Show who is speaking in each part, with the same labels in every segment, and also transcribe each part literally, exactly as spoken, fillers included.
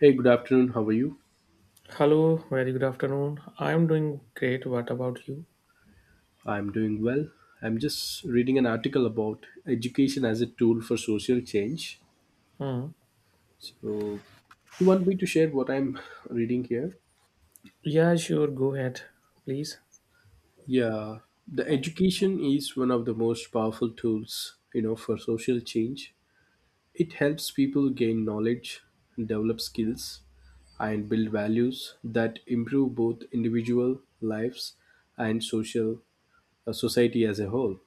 Speaker 1: Hey, good afternoon. How are you?
Speaker 2: Hello, very good afternoon. I'm doing great. What about you?
Speaker 1: I'm doing well. I'm just reading an article about education as a tool for social change.
Speaker 2: Hmm.
Speaker 1: So, you want me to share what I'm reading here?
Speaker 2: Yeah, sure. Go ahead, please.
Speaker 1: Yeah, the education is one of the most powerful tools, you know, for social change. It helps people gain knowledge, develop skills, and build values that improve both individual lives and social uh, society as a whole.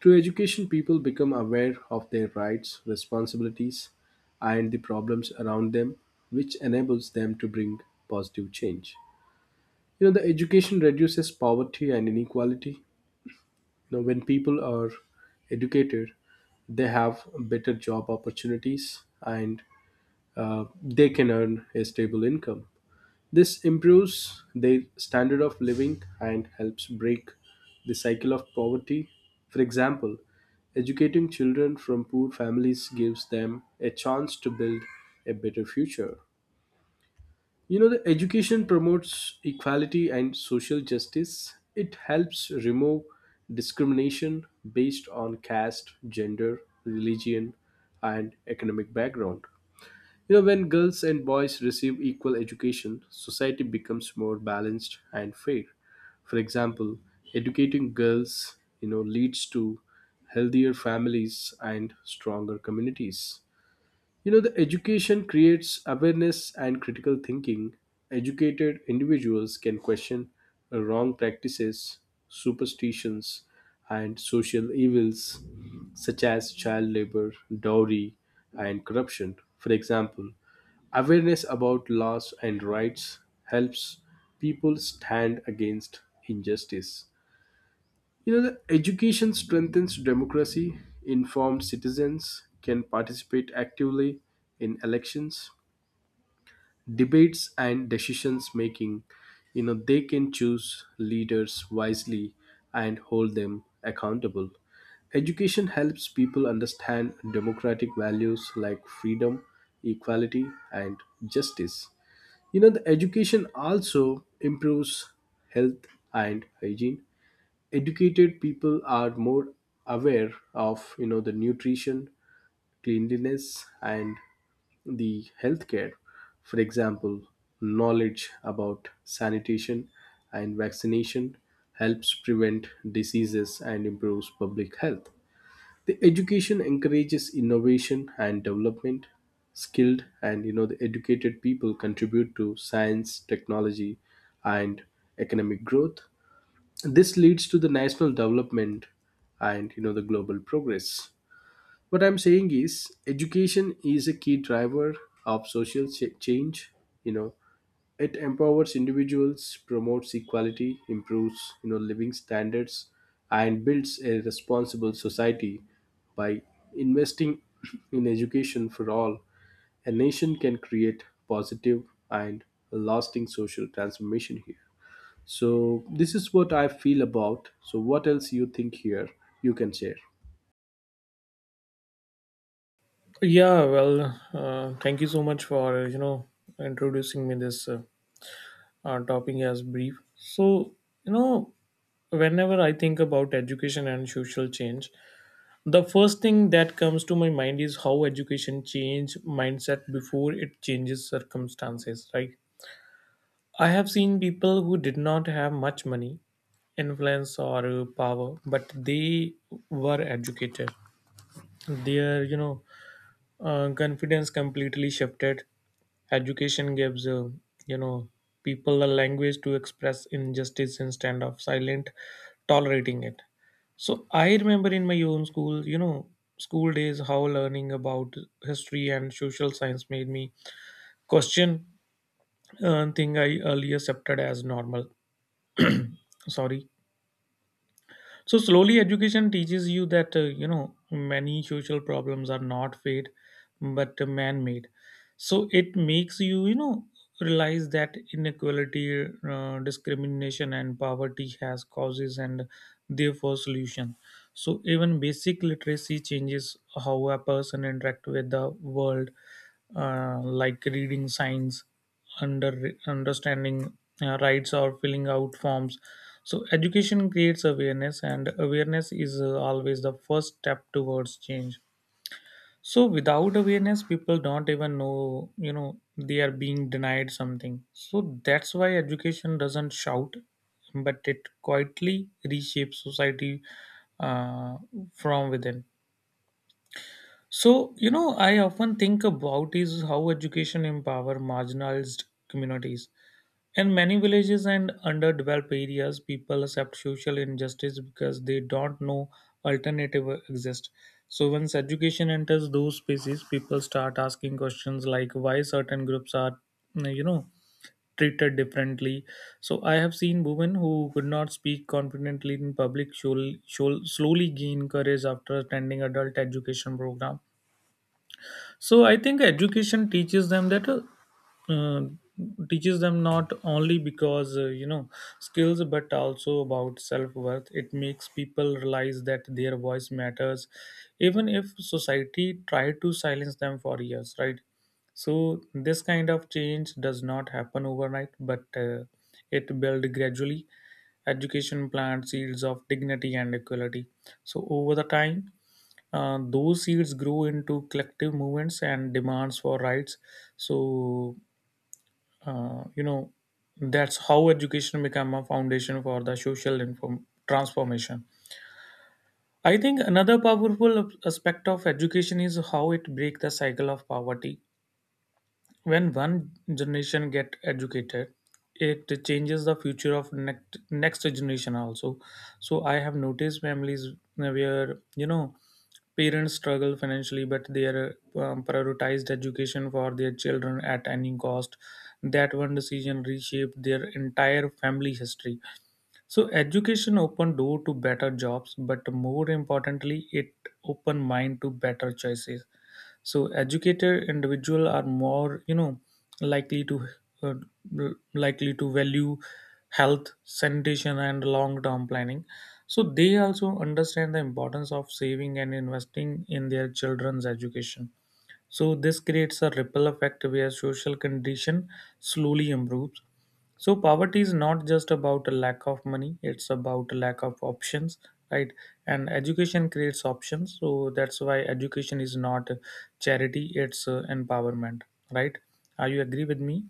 Speaker 1: Through education, people become aware of their rights, responsibilities, and the problems around them, which enables them to bring positive change. You know, the education reduces poverty and inequality. You know, when people are educated, they have better job opportunities and uh, they can earn a stable income. This improves their standard of living and helps break the cycle of poverty. For example, educating children from poor families gives them a chance to build a better future. You know, the education promotes equality and social justice. It helps remove discrimination based on caste, gender, religion, and economic background. You know, when girls and boys receive equal education, society becomes more balanced and fair. For example, educating girls, you know, leads to healthier families and stronger communities. You know, the education creates awareness and critical thinking. Educated individuals can question wrong practices, superstitions, and social evils such as child labor, dowry, and corruption. For example, awareness about laws and rights helps people stand against injustice. You know, the education strengthens democracy. Informed citizens can participate actively in elections, debates, and decisions making. You know, they can choose leaders wisely and hold them accountable. Education helps people understand democratic values like freedom, equality, and justice. You know, the education also improves health and hygiene, educated people are more aware of, you know, the nutrition, cleanliness, and the healthcare. For example, knowledge about sanitation and vaccination helps prevent diseases and improves public health. The education encourages innovation and development. Skilled and, you know, the educated people contribute to science, technology, and economic growth. This leads to the national development and, you know, the global progress. What I'm saying is education is a key driver of social ch- change, you know. It empowers individuals, promotes equality, improves, you know, living standards, and builds a responsible society. By investing in education for all, a nation can create positive and lasting social transformation here. So this is what I feel about. So what else you think here you can share?
Speaker 2: Yeah, well, uh, thank you so much for you know introducing me this uh, uh, topic as brief. So you know, whenever I think about education and social change, the first thing that comes to my mind is how education change mindset before it changes circumstances, right? I have seen people who did not have much money, influence, or uh, power, but they were educated. Their, you know, uh, confidence completely shifted. Education gives, uh, you know, people a language to express injustice instead of silent tolerating it. So I remember in my own school, you know, school days, how learning about history and social science made me question uh, thing I earlier accepted as normal. Sorry. So slowly, education teaches you that uh, you know many social problems are not fate, but man-made. So it makes you you know realize that inequality, uh, discrimination, and poverty has causes and therefore solution. So even basic literacy changes how a person interact with the world, uh, like reading signs, under understanding uh, rights or filling out forms. So, education creates awareness, and awareness is uh, always the first step towards change. So, without awareness, people don't even know, you know, they are being denied something. So, that's why education doesn't shout, but it quietly reshapes society uh, from within. So, you know, I often think about is how education empower marginalized communities in many villages and underdeveloped areas, people accept social injustice because they don't know alternative exist. So once education enters those spaces, people start asking questions like why certain groups are, you know, treated differently. So I have seen women who could not speak confidently in public show, show, slowly gain courage after attending adult education program. So I think education teaches them that uh, uh, teaches them not only because uh, you know skills but also about self-worth. It makes people realize that their voice matters even if society tried to silence them for years, right? So this kind of change does not happen overnight, but uh, it builds gradually. Education plants seeds of dignity and equality, so over the time uh, those seeds grew into collective movements and demands for rights. So, uh, you know, that's how education became a foundation for the social inform- transformation. I think another powerful aspect of education is how it breaks the cycle of poverty when one generation get educated. It changes the future of next next generation also. So I have noticed families where you know parents struggle financially, but they are um, prioritized education for their children at any cost. That one decision reshaped their entire family history. So education open door to better jobs, but more importantly, it open mind to better choices. So educated individual are more, you know, likely to uh, likely to value health, sanitation, and long-term planning. So they also understand the importance of saving and investing in their children's education. So this creates a ripple effect where social condition slowly improves. So poverty is not just about a lack of money; it's about a lack of options, right? And education creates options. So that's why education is not charity; it's uh, empowerment, right? Are you agree with me?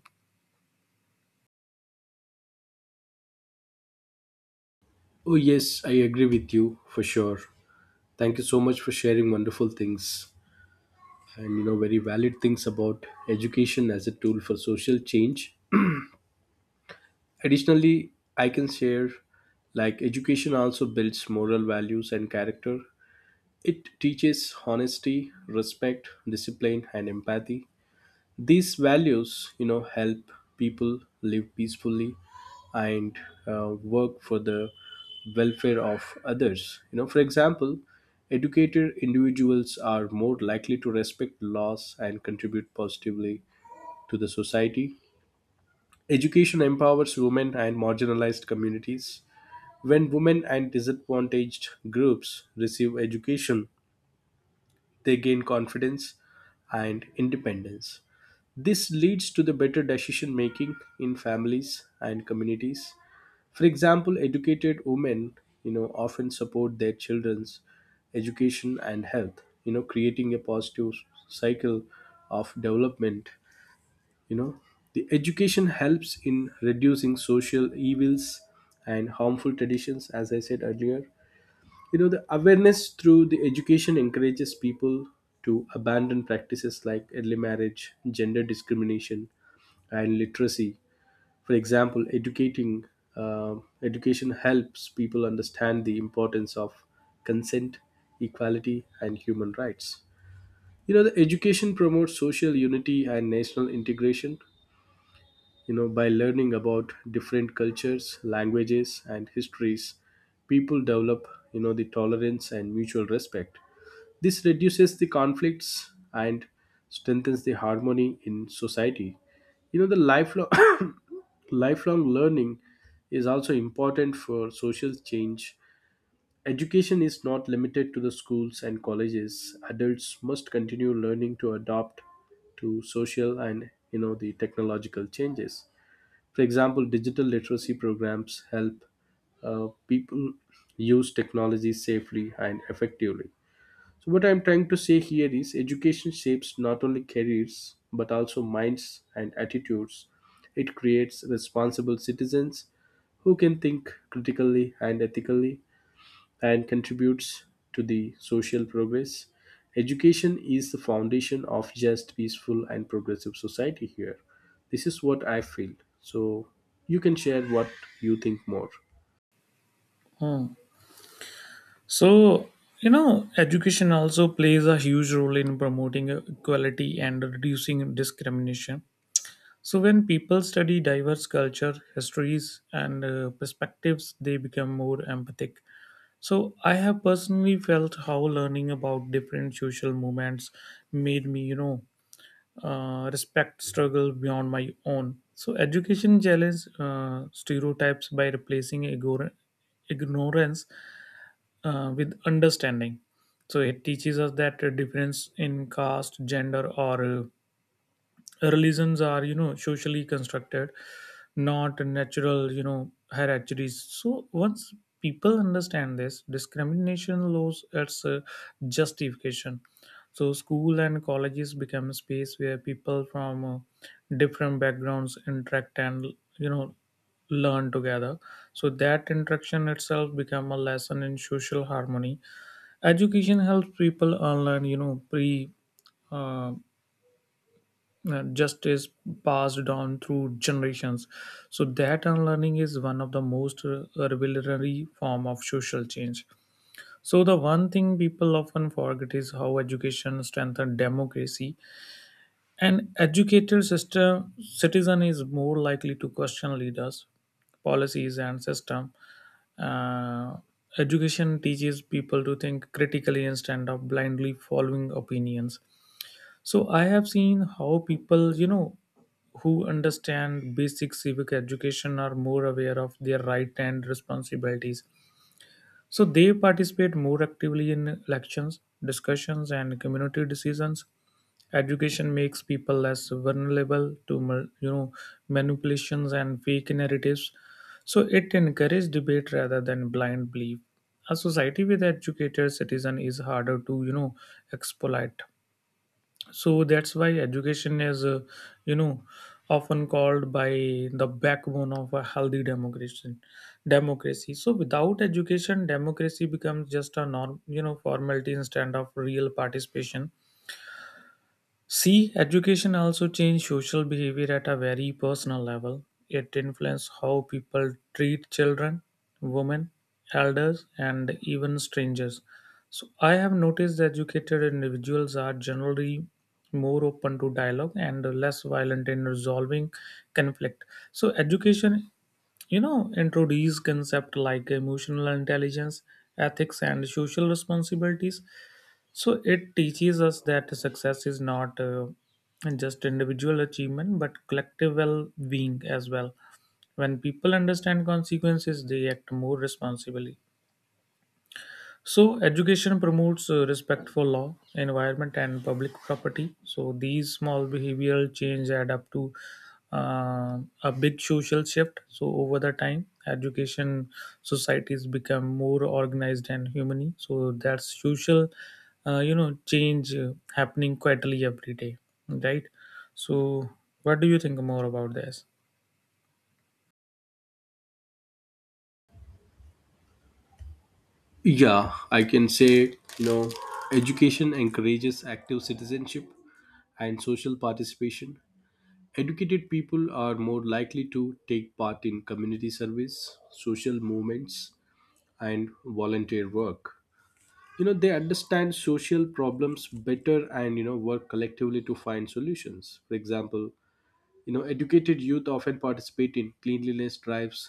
Speaker 1: Oh, yes, I agree with you for sure. Thank you so much for sharing wonderful things and, you know, very valid things about education as a tool for social change. Additionally, I can share like education also builds moral values and character. It teaches honesty, respect, discipline, and empathy. These values, you know, help people live peacefully and uh, work for the welfare of others. You know, for example, educated individuals are more likely to respect laws and contribute positively to the society. Education empowers women and marginalized communities. When women and disadvantaged groups receive education, they gain confidence and independence. This leads to the better decision making in families and communities. For example, educated women, you know, often support their children's education and health, you know, creating a positive cycle of development. You know, the education helps in reducing social evils and harmful traditions, as I said earlier. You know, the awareness through the education encourages people to abandon practices like early marriage, gender discrimination, and literacy. For example, educating uh, education helps people understand the importance of consent, equality, and human rights. You know, the education promotes social unity and national integration, you know, by learning about different cultures, languages, and histories, people develop, you know, the tolerance and mutual respect. This reduces the conflicts and strengthens the harmony in society. You know, the lifelong lifelong learning is also important for social change. Education is not limited to the schools and colleges. Adults must continue learning to adapt to social and, you know, the technological changes. For example, digital literacy programs help uh, people use technology safely and effectively. So, what I'm trying to say here is education shapes not only careers but also minds and attitudes. It creates responsible citizens who can think critically and ethically and contributes to the social progress. Education is the foundation of just peaceful and progressive society here. This is what I feel. So you can share what you think more.
Speaker 2: Hmm. So, you know, education also plays a huge role in promoting equality and reducing discrimination. So, when people study diverse culture, histories, and uh, perspectives, they become more empathic. So, I have personally felt how learning about different social movements made me, you know, uh, respect struggle beyond my own. So, education challenge uh, stereotypes by replacing igor- ignorance uh, with understanding. So, it teaches us that a difference in caste, gender, or uh, religions are you know socially constructed, not natural you know hierarchies. So once people understand this discrimination laws its uh, justification. So school and colleges become a space where people from uh, different backgrounds interact and you know learn together. So that interaction itself become a lesson in social harmony. Education helps people unlearn you know pre uh, uh, just is passed down through generations. So that unlearning is one of the most uh, revelatory form of social change. So the one thing people often forget is how education strengthens democracy. An educated system citizen is more likely to question leaders, policies, and system. uh, Education teaches people to think critically instead of blindly following opinions. So I have seen how people, you know, who understand basic civic education are more aware of their right and responsibilities. So they participate more actively in elections, discussions, and community decisions. Education makes people less vulnerable to, ma- you know, manipulations and fake narratives. So it encourages debate rather than blind belief. A society with educated citizen is harder to, you know, exploit. So that's why education is uh, you know often called by the backbone of a healthy democracy democracy So without education democracy becomes just a norm you know formality instead of real participation. See, education also changed social behavior at a very personal level. It influenced how people treat children, women, elders, and even strangers. So, I have noticed that educated individuals are generally more open to dialogue and less violent in resolving conflict. So, education you know introduce concepts like emotional intelligence, ethics, and social responsibilities. So it teaches us that success is not uh, just individual achievement but collective well being as well. When people understand consequences, they act more responsibly. So, education promotes uh, respect for law, environment, and public property. So, these small behavioral change add up to uh, a big social shift. So, over the time, education societies become more organized and humane. So, that's social, uh, you know, change uh, happening quietly every day, right? So, what do you think more about this?
Speaker 1: Yeah, I can say, you know, education encourages active citizenship and social participation. Educated people are more likely to take part in community service, social movements, and volunteer work. You know, they understand social problems better and, you know, work collectively to find solutions. For example, you know, educated youth often participate in cleanliness drives,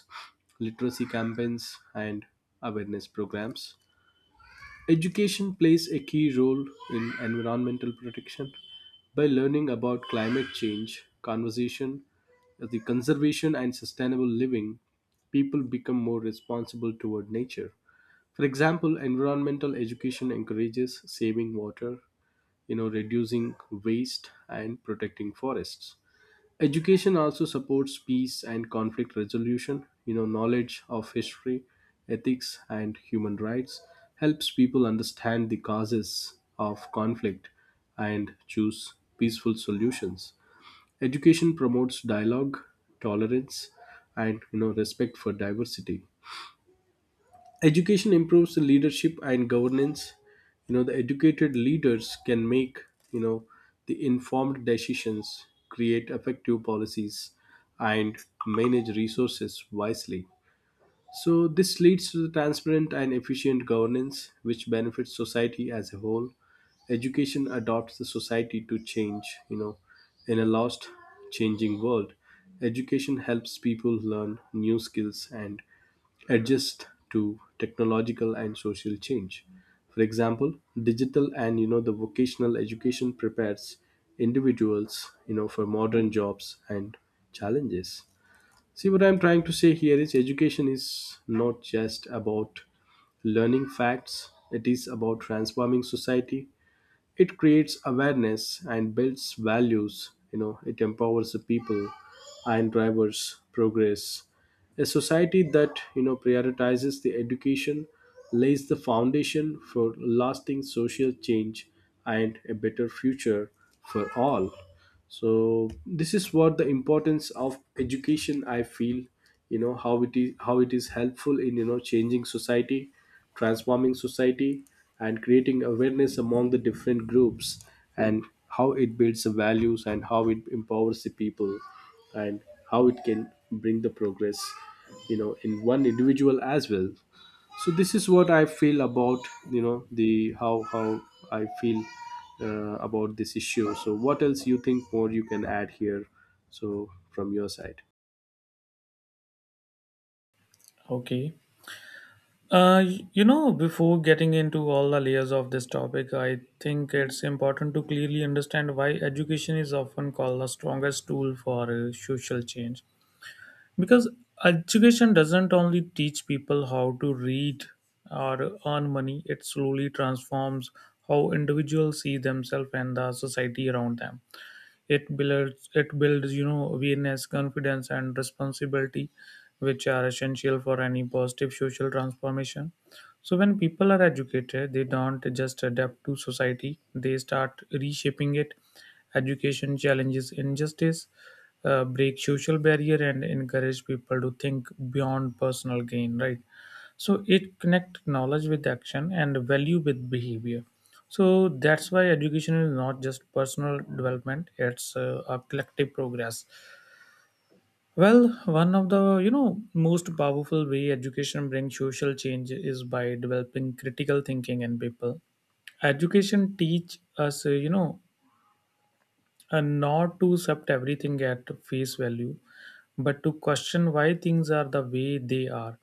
Speaker 1: literacy campaigns, and awareness programs. Education plays a key role in environmental protection. By learning about climate change conversation, the conservation, and sustainable living, people become more responsible toward nature. For example, environmental education encourages saving water, you know, reducing waste and protecting forests. Education also supports peace and conflict resolution, you know, knowledge of history, ethics, and human rights helps people understand the causes of conflict and choose peaceful solutions. Education promotes dialogue, tolerance, and, you know, respect for diversity. Education improves the leadership and governance. You know, the educated leaders can make, you know, the informed decisions, create effective policies, and manage resources wisely. So, this leads to the transparent and efficient governance, which benefits society as a whole. Education adopts the society to change, you know, in a lost, changing world. Education helps people learn new skills and adjust to technological and social change. For example, digital and, you know, the vocational education prepares individuals, you know, for modern jobs and challenges. See what I'm trying to say here is education is not just about learning facts, it is about transforming society. It creates awareness and builds values. You know, it empowers the people and drivers progress. A society that, you know, prioritizes the education lays the foundation for lasting social change and a better future for all. So this is what the importance of education I feel, you know, how it is, how it is helpful in, you know, changing society, transforming society, and creating awareness among the different groups, and how it builds the values, and how it empowers the people, and how it can bring the progress, you know, in one individual as well. So this is what I feel about, you know, the how how I feel uh, about this issue. So what else you think more you can add here so from your side.
Speaker 2: Okay. Uh, y- you know, before getting into all the layers of this topic, I think it's important to clearly understand why education is often called the strongest tool for uh, social change. Because education doesn't only teach people how to read or earn money, it slowly transforms how individuals see themselves and the society around them. It builds it builds you know awareness, confidence, and responsibility, which are essential for any positive social transformation. So when people are educated, they don't just adapt to society; they start reshaping it. Education challenges injustice, uh, break social barrier, and encourage people to think beyond personal gain. Right. So it connect knowledge with action and value with behavior. So that's why education is not just personal development; it's uh, a collective progress. Well, one of the you know most powerful way education brings social change is by developing critical thinking in people. Education teach us uh, you know uh, not to accept everything at face value, but to question why things are the way they are.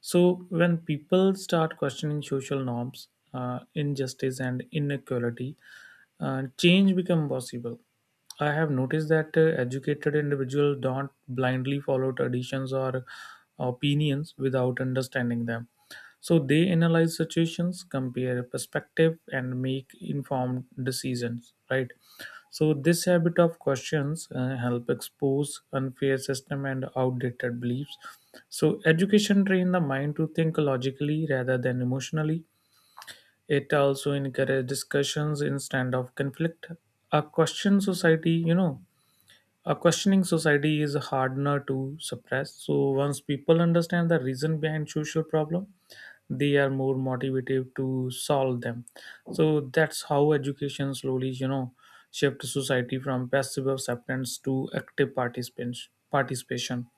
Speaker 2: So when people start questioning social norms, uh, injustice, and inequality, uh, change become possible. I have noticed that uh, educated individuals don't blindly follow traditions or uh, opinions without understanding them. So they analyze situations, compare perspective, and make informed decisions. Right. So this habit of questions uh, help expose unfair system and outdated beliefs. So education train the mind to think logically rather than emotionally. It also encourages discussions instead of conflict. A question society, you know, a questioning society is harder to suppress. So once people understand the reason behind social problem, they are more motivated to solve them. So that's how education slowly, you know, shifts society from passive acceptance to active participants- participation.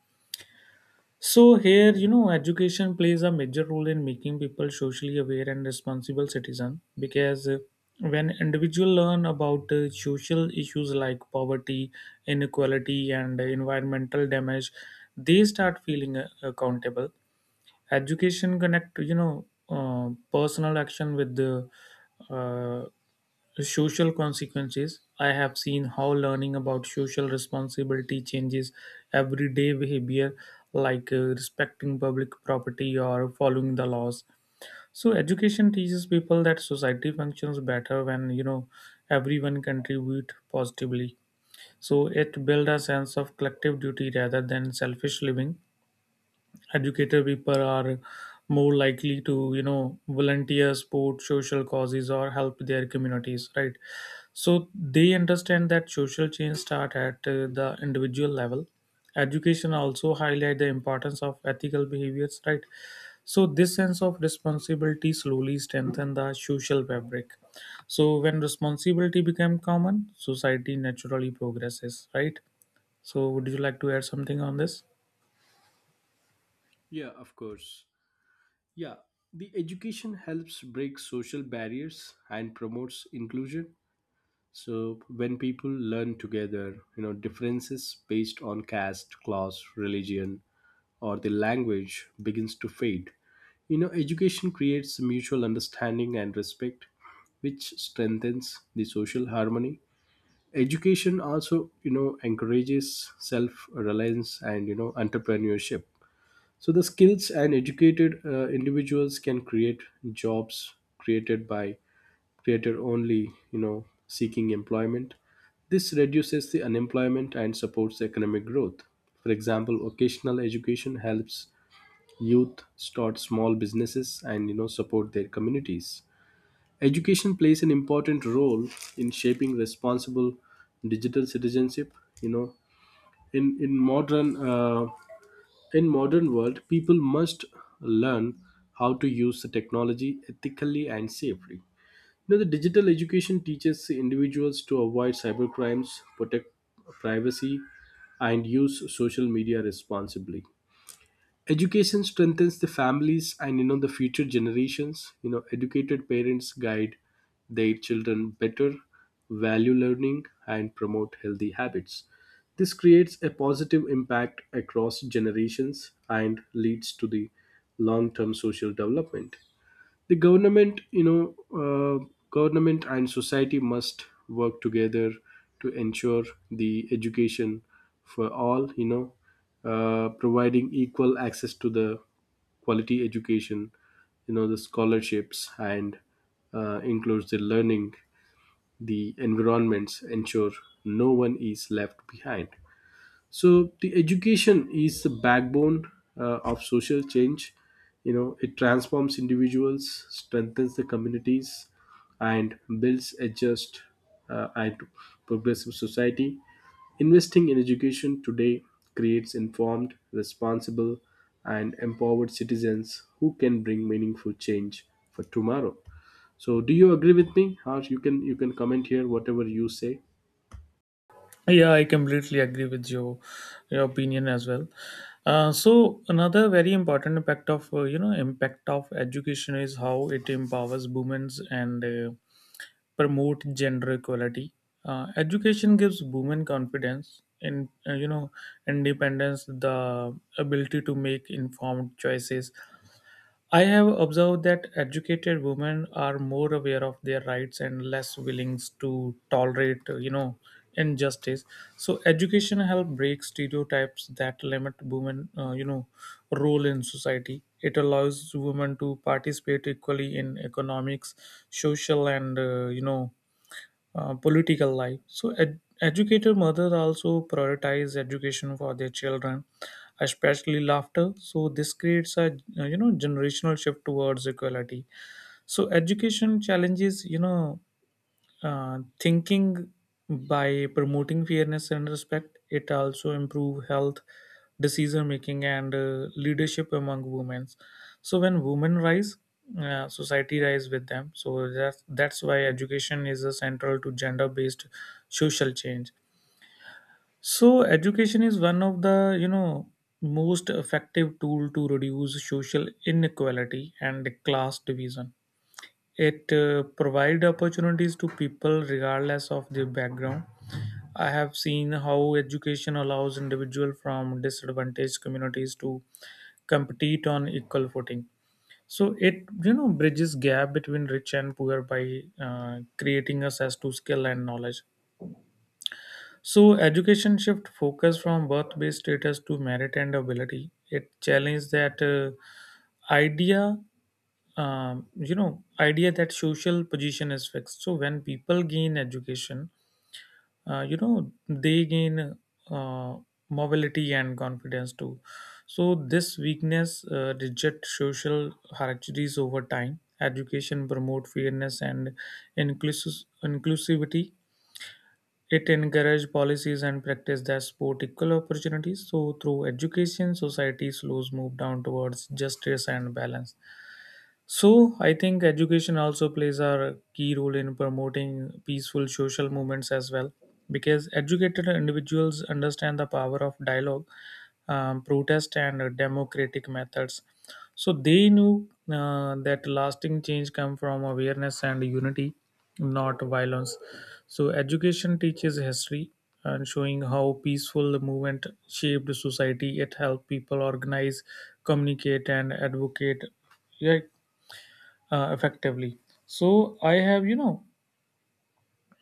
Speaker 2: So here, you know, education plays a major role in making people socially aware and responsible citizen because uh, when individual learn about uh, social issues like poverty, inequality, and uh, environmental damage, they start feeling uh, accountable. Education connect, you know, uh, personal action with the uh, social consequences. I have seen how learning about social responsibility changes everyday behavior, like uh, respecting public property or following the laws. So education teaches people that society functions better when you know everyone contribute positively. So it builds a sense of collective duty rather than selfish living. Educated people are more likely to you know volunteer support social causes or help their communities, right? So they understand that social change start at uh, the individual level. Education also highlight the importance of ethical behaviors, right? So this sense of responsibility slowly strengthen the social fabric. So when responsibility become common society naturally progresses, right? So would you like to add something on this?
Speaker 1: Yeah, of course. Yeah, the education helps break social barriers and promotes inclusion. So when people learn together, you know, differences based on caste, class, religion, or the language begins to fade. You know, education creates mutual understanding and respect, which strengthens the social harmony. Education also, you know, encourages self-reliance and, you know, entrepreneurship, so the skills and educated uh, individuals can create jobs, created by, created only, you know, seeking employment. This reduces the unemployment and supports economic growth. For example, vocational education helps youth start small businesses and, you know, support their communities. Education plays an important role in shaping responsible digital citizenship. You know, in in modern uh, in modern world, people must learn how to use the technology ethically and safely. Now, the digital education teaches individuals to avoid cybercrimes, protect privacy, and use social media responsibly. Education strengthens the families and, you know, the future generations. You know, educated parents guide their children better, value learning, and promote healthy habits. This creates a positive impact across generations and leads to the long term social development. The government, you know, uh, government and society must work together to ensure the education for all, you know, uh, providing equal access to the quality education, you know, the scholarships and, uh, includes the learning the environments, ensure no one is left behind. So the education is the backbone uh, of social change. You know, it transforms individuals, strengthens the communities, and builds a just uh, and progressive society. Investing in education today creates informed, responsible, and empowered citizens who can bring meaningful change for tomorrow. So do you agree with me or you can you can comment here whatever you say?
Speaker 2: Yeah, I completely agree with your, your opinion as well. Uh, so another very important impact of uh, you know impact of education is how it empowers women and uh, promote gender equality. Uh, education gives women confidence in uh, you know independence, the ability to make informed choices. I have observed that educated women are more aware of their rights and less willing to tolerate, uh, you know, injustice. So education help break stereotypes that limit women, uh, you know, role in society. It allows women to participate equally in economics, social, and uh, you know, uh, political life. So, ed- educated mothers also prioritize education for their children, especially laughter. So, this creates a you know generational shift towards equality. So, education challenges you know uh, thinking by promoting fairness and respect. It also improve health, decision making, and uh, leadership among women. So when women rise, uh, society rise with them. So that's that's why education is a central to gender based social change. So education is one of the you know most effective tool to reduce social inequality and class division. It uh, provide opportunities to people regardless of their background. I have seen how education allows individuals from disadvantaged communities to compete on equal footing. So it you know bridges gap between rich and poor by uh, creating access to skill and knowledge. So education shift focus from birth-based status to merit and ability. It challenged that uh, idea, um, you know, idea that social position is fixed. So when people gain education, uh, you know, they gain uh, mobility and confidence too. So this weakness uh, reject social hierarchies over time. Education promote fairness and inclusive inclusivity. It encourages policies and practice that support equal opportunities. So, through education, societies slowly move down towards justice and balance. So I think education also plays a key role in promoting peaceful social movements as well, because educated individuals understand the power of dialogue, um, protest, and uh, democratic methods. So they knew uh, that lasting change comes from awareness and unity, not violence. So education teaches history and showing how peaceful the movement shaped society. It helped people organize, communicate, and advocate, yeah, uh, effectively. So I have you know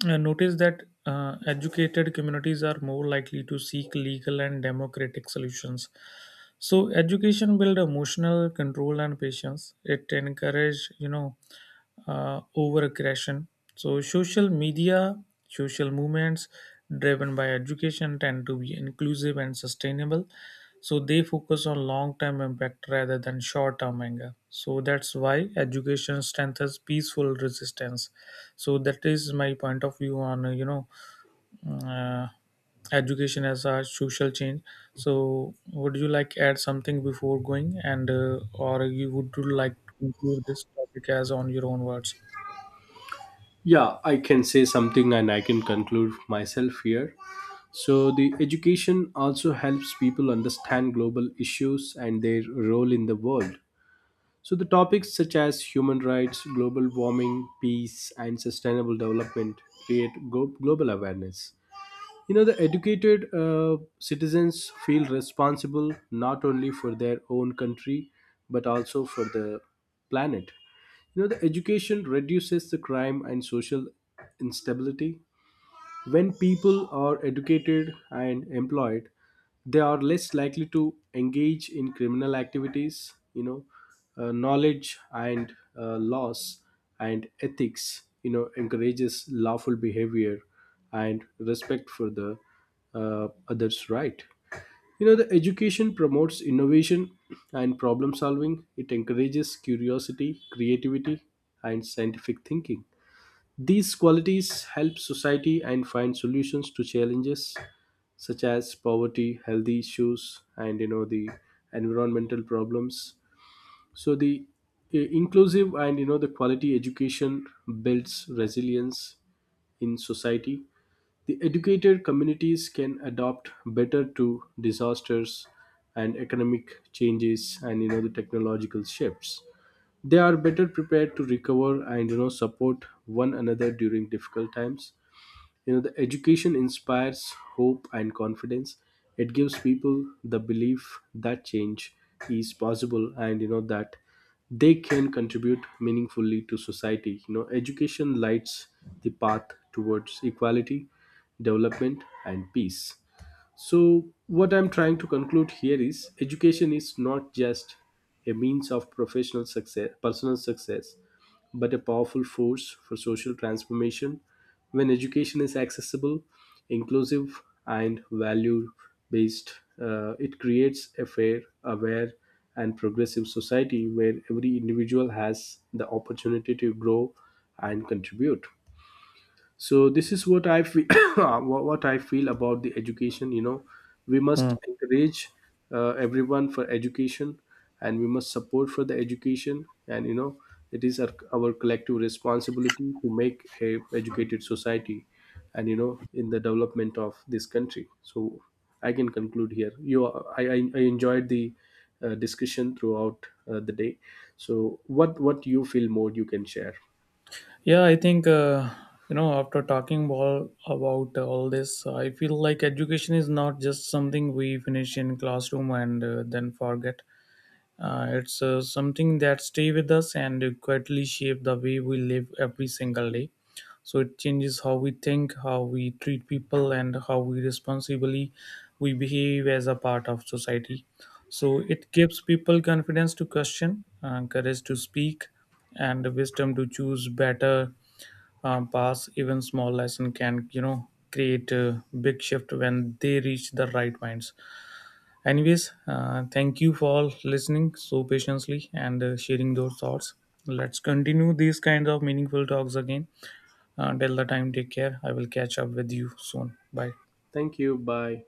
Speaker 2: I noticed that uh, educated communities are more likely to seek legal and democratic solutions. So education build emotional control and patience. It encourage you know uh, over aggression. So social media, social movements driven by education tend to be inclusive and sustainable. So they focus on long term impact rather than short term anger. So that's why education strengthens peaceful resistance. So that is my point of view on uh, you know uh, education as a social change. So would you like add something before going, and uh, or you would you like to include this topic as on your own words?
Speaker 1: Yeah, I can say something and I can conclude myself here. So, the education also helps people understand global issues and their role in the world. So, the topics such as human rights, global warming, peace, and sustainable development create go- global awareness. You know, the educated uh, citizens feel responsible not only for their own country but also for the planet. You know, the education reduces the crime and social instability. When people are educated and employed, they are less likely to engage in criminal activities, you know, uh, knowledge and uh, laws and ethics, you know, encourages lawful behavior and respect for the uh, others' right. You know, the education promotes innovation and problem solving. It encourages curiosity, creativity, and scientific thinking. These qualities help society and find solutions to challenges such as poverty, health issues, and, you know, the environmental problems. So the uh, inclusive and, you know, the quality education builds resilience in society. The educated communities can adopt better to disasters and economic changes and, you know, the technological shifts. They are better prepared to recover and, you know, support one another during difficult times. You know, the education inspires hope and confidence. It gives people the belief that change is possible and, you know, that they can contribute meaningfully to society. You know, education lights the path towards equality, development, and peace. So, what I'm trying to conclude here is education is not just a means of professional success, personal success, but a powerful force for social transformation. When education is accessible, inclusive, and value based, uh, it creates a fair, aware, and progressive society where every individual has the opportunity to grow and contribute. So this is what I feel, what what I feel about the education. You know, we
Speaker 2: Hmm.
Speaker 1: must encourage uh, everyone for education, and we must support for the education, and, you know, it is our, our collective responsibility to make a educated society and, you know, in the development of this country. So I can conclude here. You, i i, I enjoyed the uh, discussion throughout uh, the day. So what what you feel more you can share.
Speaker 2: Yeah, I think uh, you know after talking all about all this, I feel like education is not just something we finish in classroom and uh, then forget. Uh, it's uh, something that stay with us and quietly shape the way we live every single day. So it changes how we think, how we treat people, and how we responsibly we behave as a part of society. So it gives people confidence to question, uh, courage to speak, and wisdom to choose better um, paths. Even small lesson can you know create a big shift when they reach the right minds. Anyways, uh, thank you for all listening so patiently and uh, sharing those thoughts. Let's continue these kinds of meaningful talks again. Until the time, take care. I will catch up with you soon. Bye.
Speaker 1: Thank you, bye.